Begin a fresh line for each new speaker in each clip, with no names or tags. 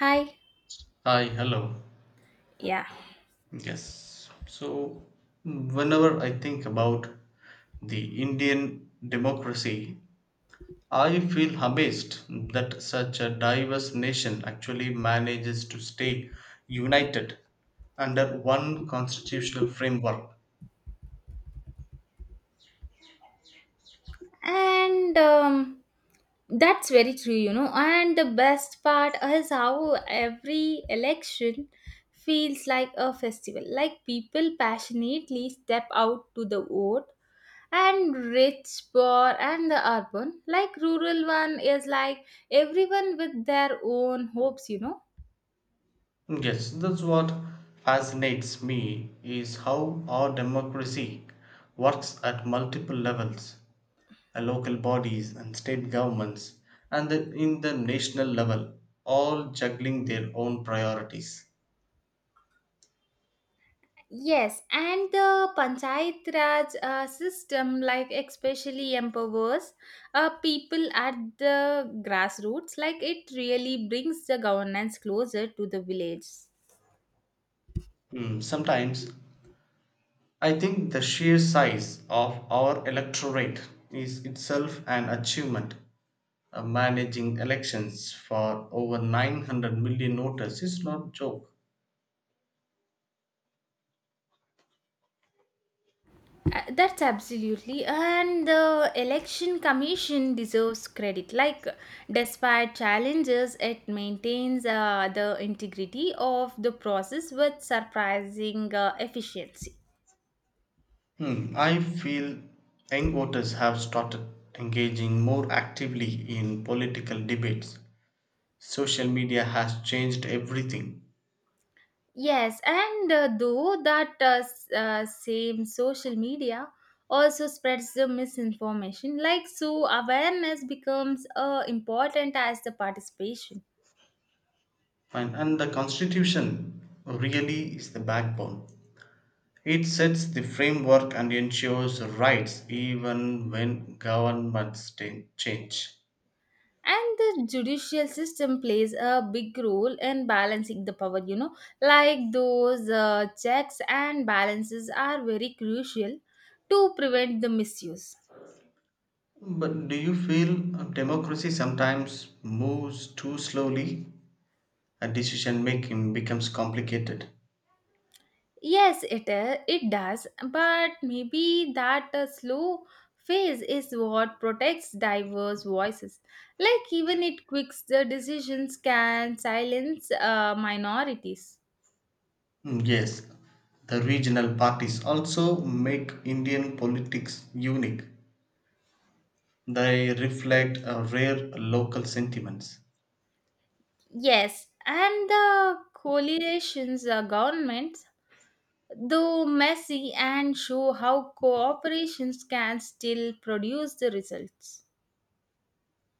Hi.
Hi, hello.
Yeah.
Yes. So, whenever I think about the Indian democracy, I feel amazed that such a diverse nation actually manages to stay united under one constitutional framework.
And That's very true, And the best part is how every election feels like a festival. Like people passionately step out to the vote, and rich, poor, and the urban, like rural one, is like everyone with their own hopes,
Yes, that's what fascinates me is how our democracy works at multiple levels, local bodies and state governments and in the national level, all juggling their own priorities.
Yes, and the Panchayat Raj system, like especially empowers people at the grassroots, like it really brings the governance closer to the village.
Sometimes I think the sheer size of our electorate is itself an achievement. Managing elections for over 900 million voters is not joke.
That's absolutely, and the election commission deserves credit. Like, despite challenges, it maintains the integrity of the process with surprising efficiency.
Hmm, I feel young voters have started engaging more actively in political debates. Social media has changed everything.
Yes, and though that same social media also spreads the misinformation, like so awareness becomes important as the participation.
Fine. And the Constitution really is the backbone. It sets the framework and ensures rights even when governments change.
And the judicial system plays a big role in balancing the power, like those checks and balances are very crucial to prevent the misuse.
But do you feel democracy sometimes moves too slowly? A decision making becomes complicated.
Yes, it is. It does, but maybe that slow phase is what protects diverse voices. Like even it quicks the decisions can silence minorities.
Mm, yes, the regional parties also make Indian politics unique. They reflect rare local sentiments.
Yes, and the coalitions, governments, though messy, and show how cooperations can still produce the results.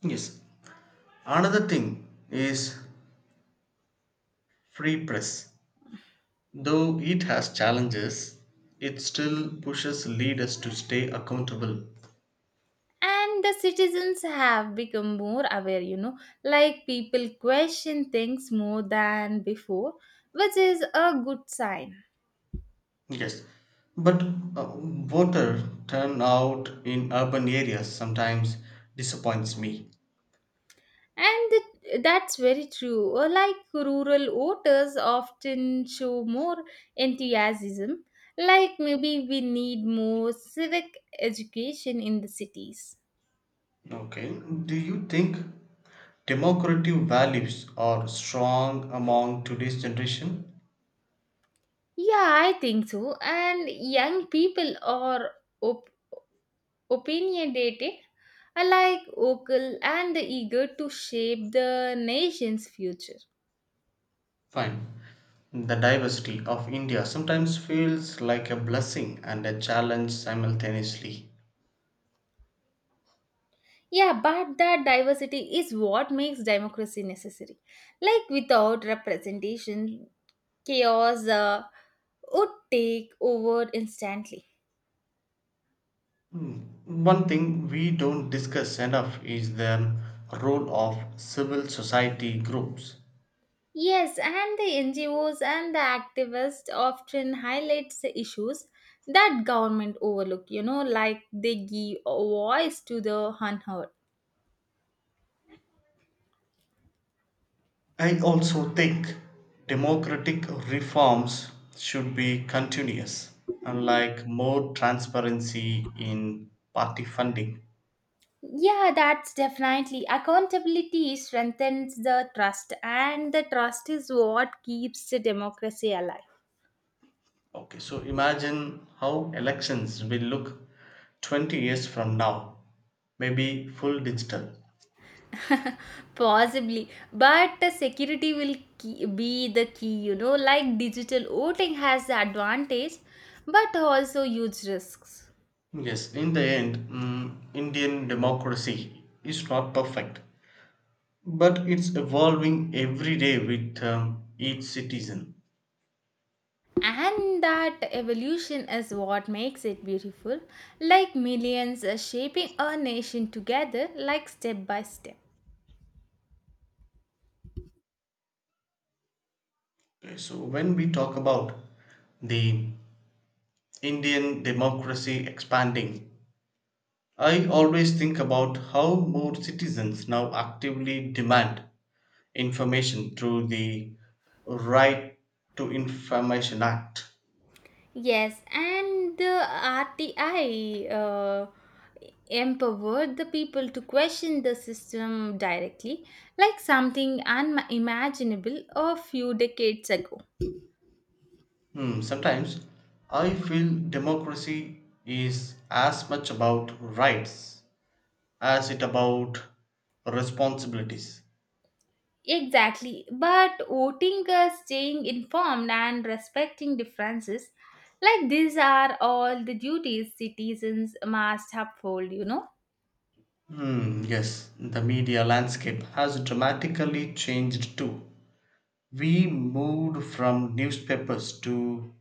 Yes. Another thing is free press, though it has challenges, it still pushes leaders to stay accountable.
And the citizens have become more aware, like people question things more than before, which is a good sign.
Yes, but voter turnout in urban areas sometimes disappoints me.
That's very true. Like rural voters often show more enthusiasm, like maybe we need more civic education in the cities.
Okay, do you think democratic values are strong among today's generation?
Yeah, I think so, and young people are op- opinionated, alike vocal and eager to shape the nation's future.
Fine. The diversity of India sometimes feels like a blessing and a challenge simultaneously.
Yeah, but that diversity is what makes democracy necessary. Like without representation, chaos would take over instantly.
One thing we don't discuss enough is the role of civil society groups.
Yes, and the NGOs and the activists often highlights the issues that government overlook, like they give a voice to the unheard.
I also think democratic reforms should be continuous, unlike more transparency in party funding.
Yeah, that's definitely. Accountability strengthens the trust, and the trust is what keeps the democracy alive.
Okay, so imagine how elections will look 20 years from now, maybe full digital.
Possibly, but the security will key, be the key, like digital voting has the advantage, but also huge risks.
Yes, in the end, Indian democracy is not perfect, but it's evolving every day with each citizen.
And that evolution is what makes it beautiful, like millions are shaping a nation together, like step by step.
Okay, so when we talk about the Indian democracy expanding, I always think about how more citizens now actively demand information through the Right to Information Act.
Yes, and the RTI empowered the people to question the system directly, like something unimaginable a few decades ago.
Sometimes I feel democracy is as much about rights as it about responsibilities.
Exactly, but voting, staying informed, and respecting differences, like these are all the duties citizens must uphold,
Hmm, yes, the media landscape has dramatically changed too. We moved from newspapers to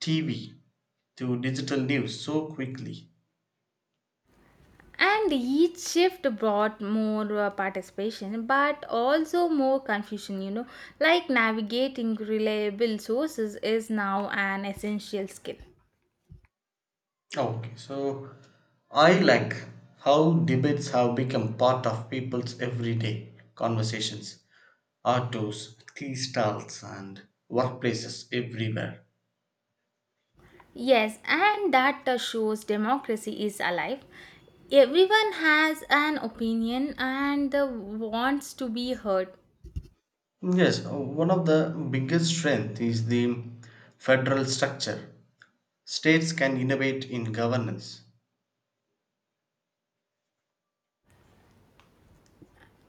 TV to digital news so quickly.
And each shift brought more participation, but also more confusion, like navigating reliable sources is now an essential skill.
Oh, okay, so I like how debates have become part of people's everyday conversations, autos, tea stalls, and workplaces everywhere.
Yes, and that shows democracy is alive. Everyone has an opinion and wants to be heard.
Yes, one of the biggest strength is the federal structure. States can innovate in governance.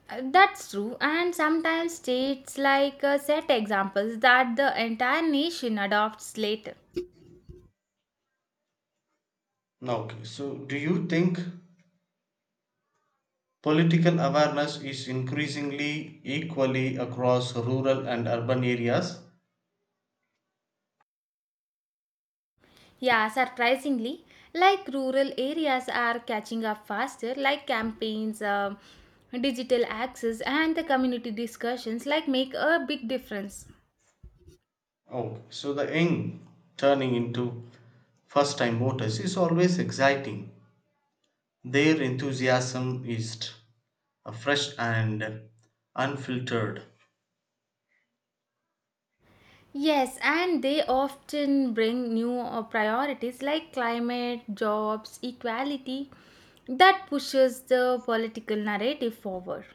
That's true, and sometimes states like set examples that the entire nation adopts later.
Now, okay, so do you think political awareness is increasingly equally across rural and urban areas?
Yeah, surprisingly, like rural areas are catching up faster, like campaigns, digital access, and the community discussions, like make a big difference.
Oh, so the young turning into first time voters is always exciting. Their enthusiasm is fresh and unfiltered.
Yes, and they often bring new priorities like climate, jobs, equality that pushes the political narrative forward.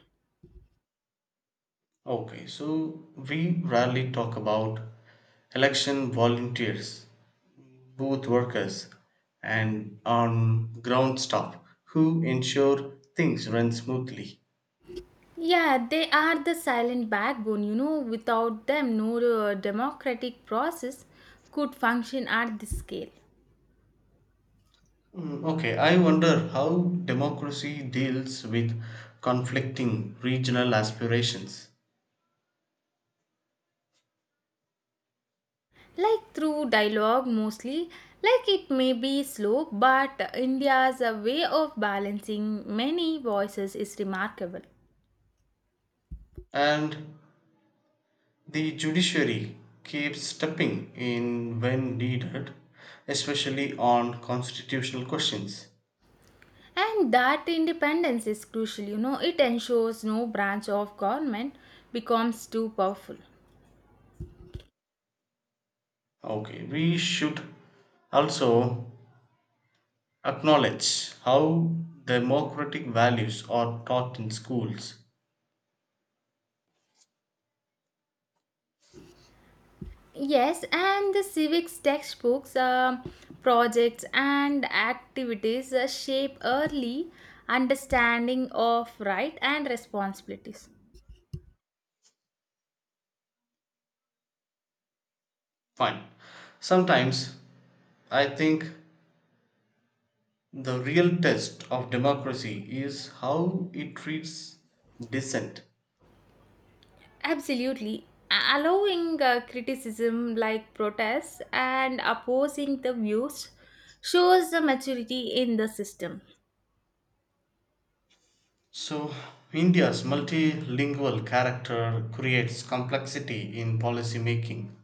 Okay, so we rarely talk about election volunteers, booth workers, and on ground staff who ensure things run smoothly.
Yeah, they are the silent backbone, without them no democratic process could function at this scale.
Mm, okay, I wonder how democracy deals with conflicting regional aspirations.
Like through dialogue mostly, like it may be slow, but India's way of balancing many voices is remarkable.
And the judiciary keeps stepping in when needed, especially on constitutional questions.
And that independence is crucial, it ensures no branch of government becomes too powerful.
Okay, we should also acknowledge how democratic values are taught in schools.
Yes, and the civics textbooks, projects and activities shape early understanding of right and responsibilities.
Fine. Sometimes I think the real test of democracy is how it treats dissent.
Absolutely. Allowing criticism like protests and opposing the views shows the maturity in the system.
So, India's multilingual character creates complexity in policy making.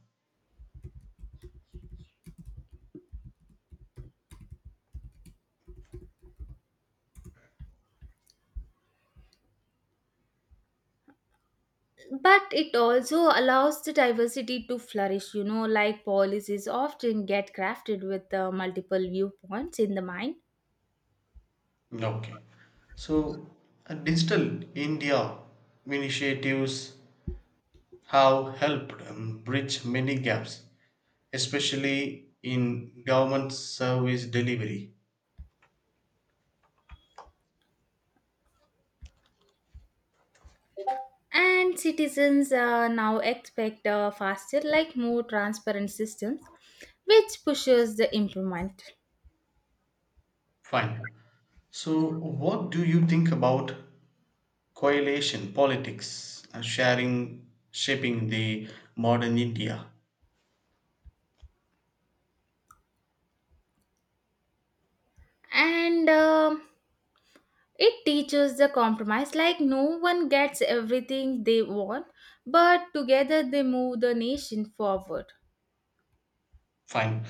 But it also allows the diversity to flourish, like policies often get crafted with multiple viewpoints in the mind.
Okay. So, digital India initiatives have helped bridge many gaps, especially in government service delivery.
And citizens now expect faster, like more transparent systems, which pushes the improvement.
Fine. So, what do you think about coalition politics sharing shaping the modern India?
And It teaches the compromise, like no one gets everything they want, but together they move the nation forward.
Fine.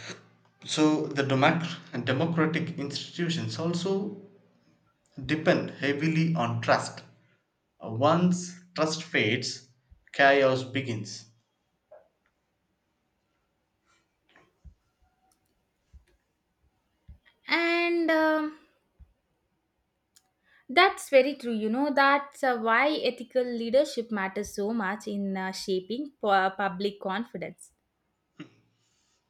So, the democ- and democratic institutions also depend heavily on trust. Once trust fades, chaos begins.
And That's very true. You know, that's why ethical leadership matters so much in shaping public confidence.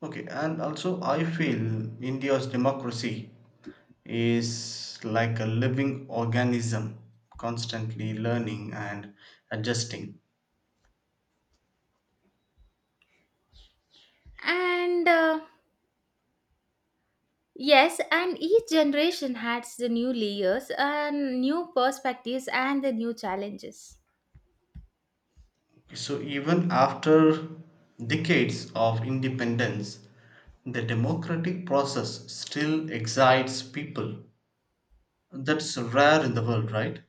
Okay, and also I feel India's democracy is like a living organism, constantly learning and adjusting.
And Yes, and each generation has the new layers, and new perspectives, and the new challenges.
So even after decades of independence, the democratic process still excites people. That's rare in the world, right?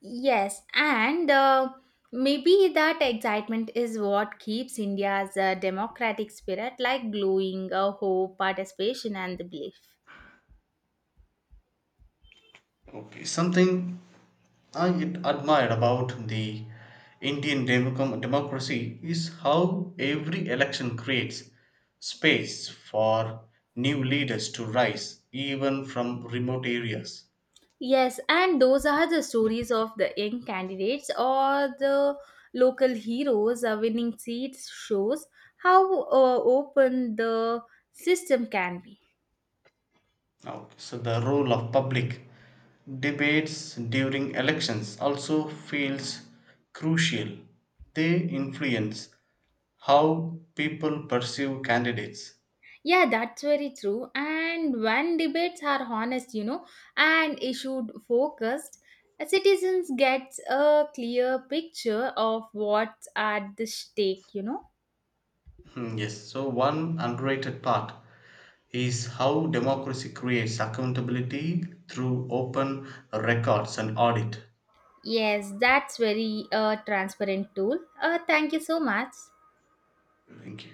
Yes, and maybe that excitement is what keeps India's democratic spirit like glowing, hope, participation, and the belief.
Okay, something I admire about the Indian democracy is how every election creates space for new leaders to rise, even from remote areas.
Yes, and those are the stories of the young candidates or the local heroes winning seats shows how open the system can be.
Okay. So the role of public debates during elections also feels crucial. They influence how people perceive candidates.
Yeah, that's very true. And when debates are honest, and issued focused, citizens get a clear picture of what's at the stake,
Hmm, yes. So one underrated part is how democracy creates accountability through open records and audit.
Yes, that's very transparent tool. Thank you so much.
Thank you.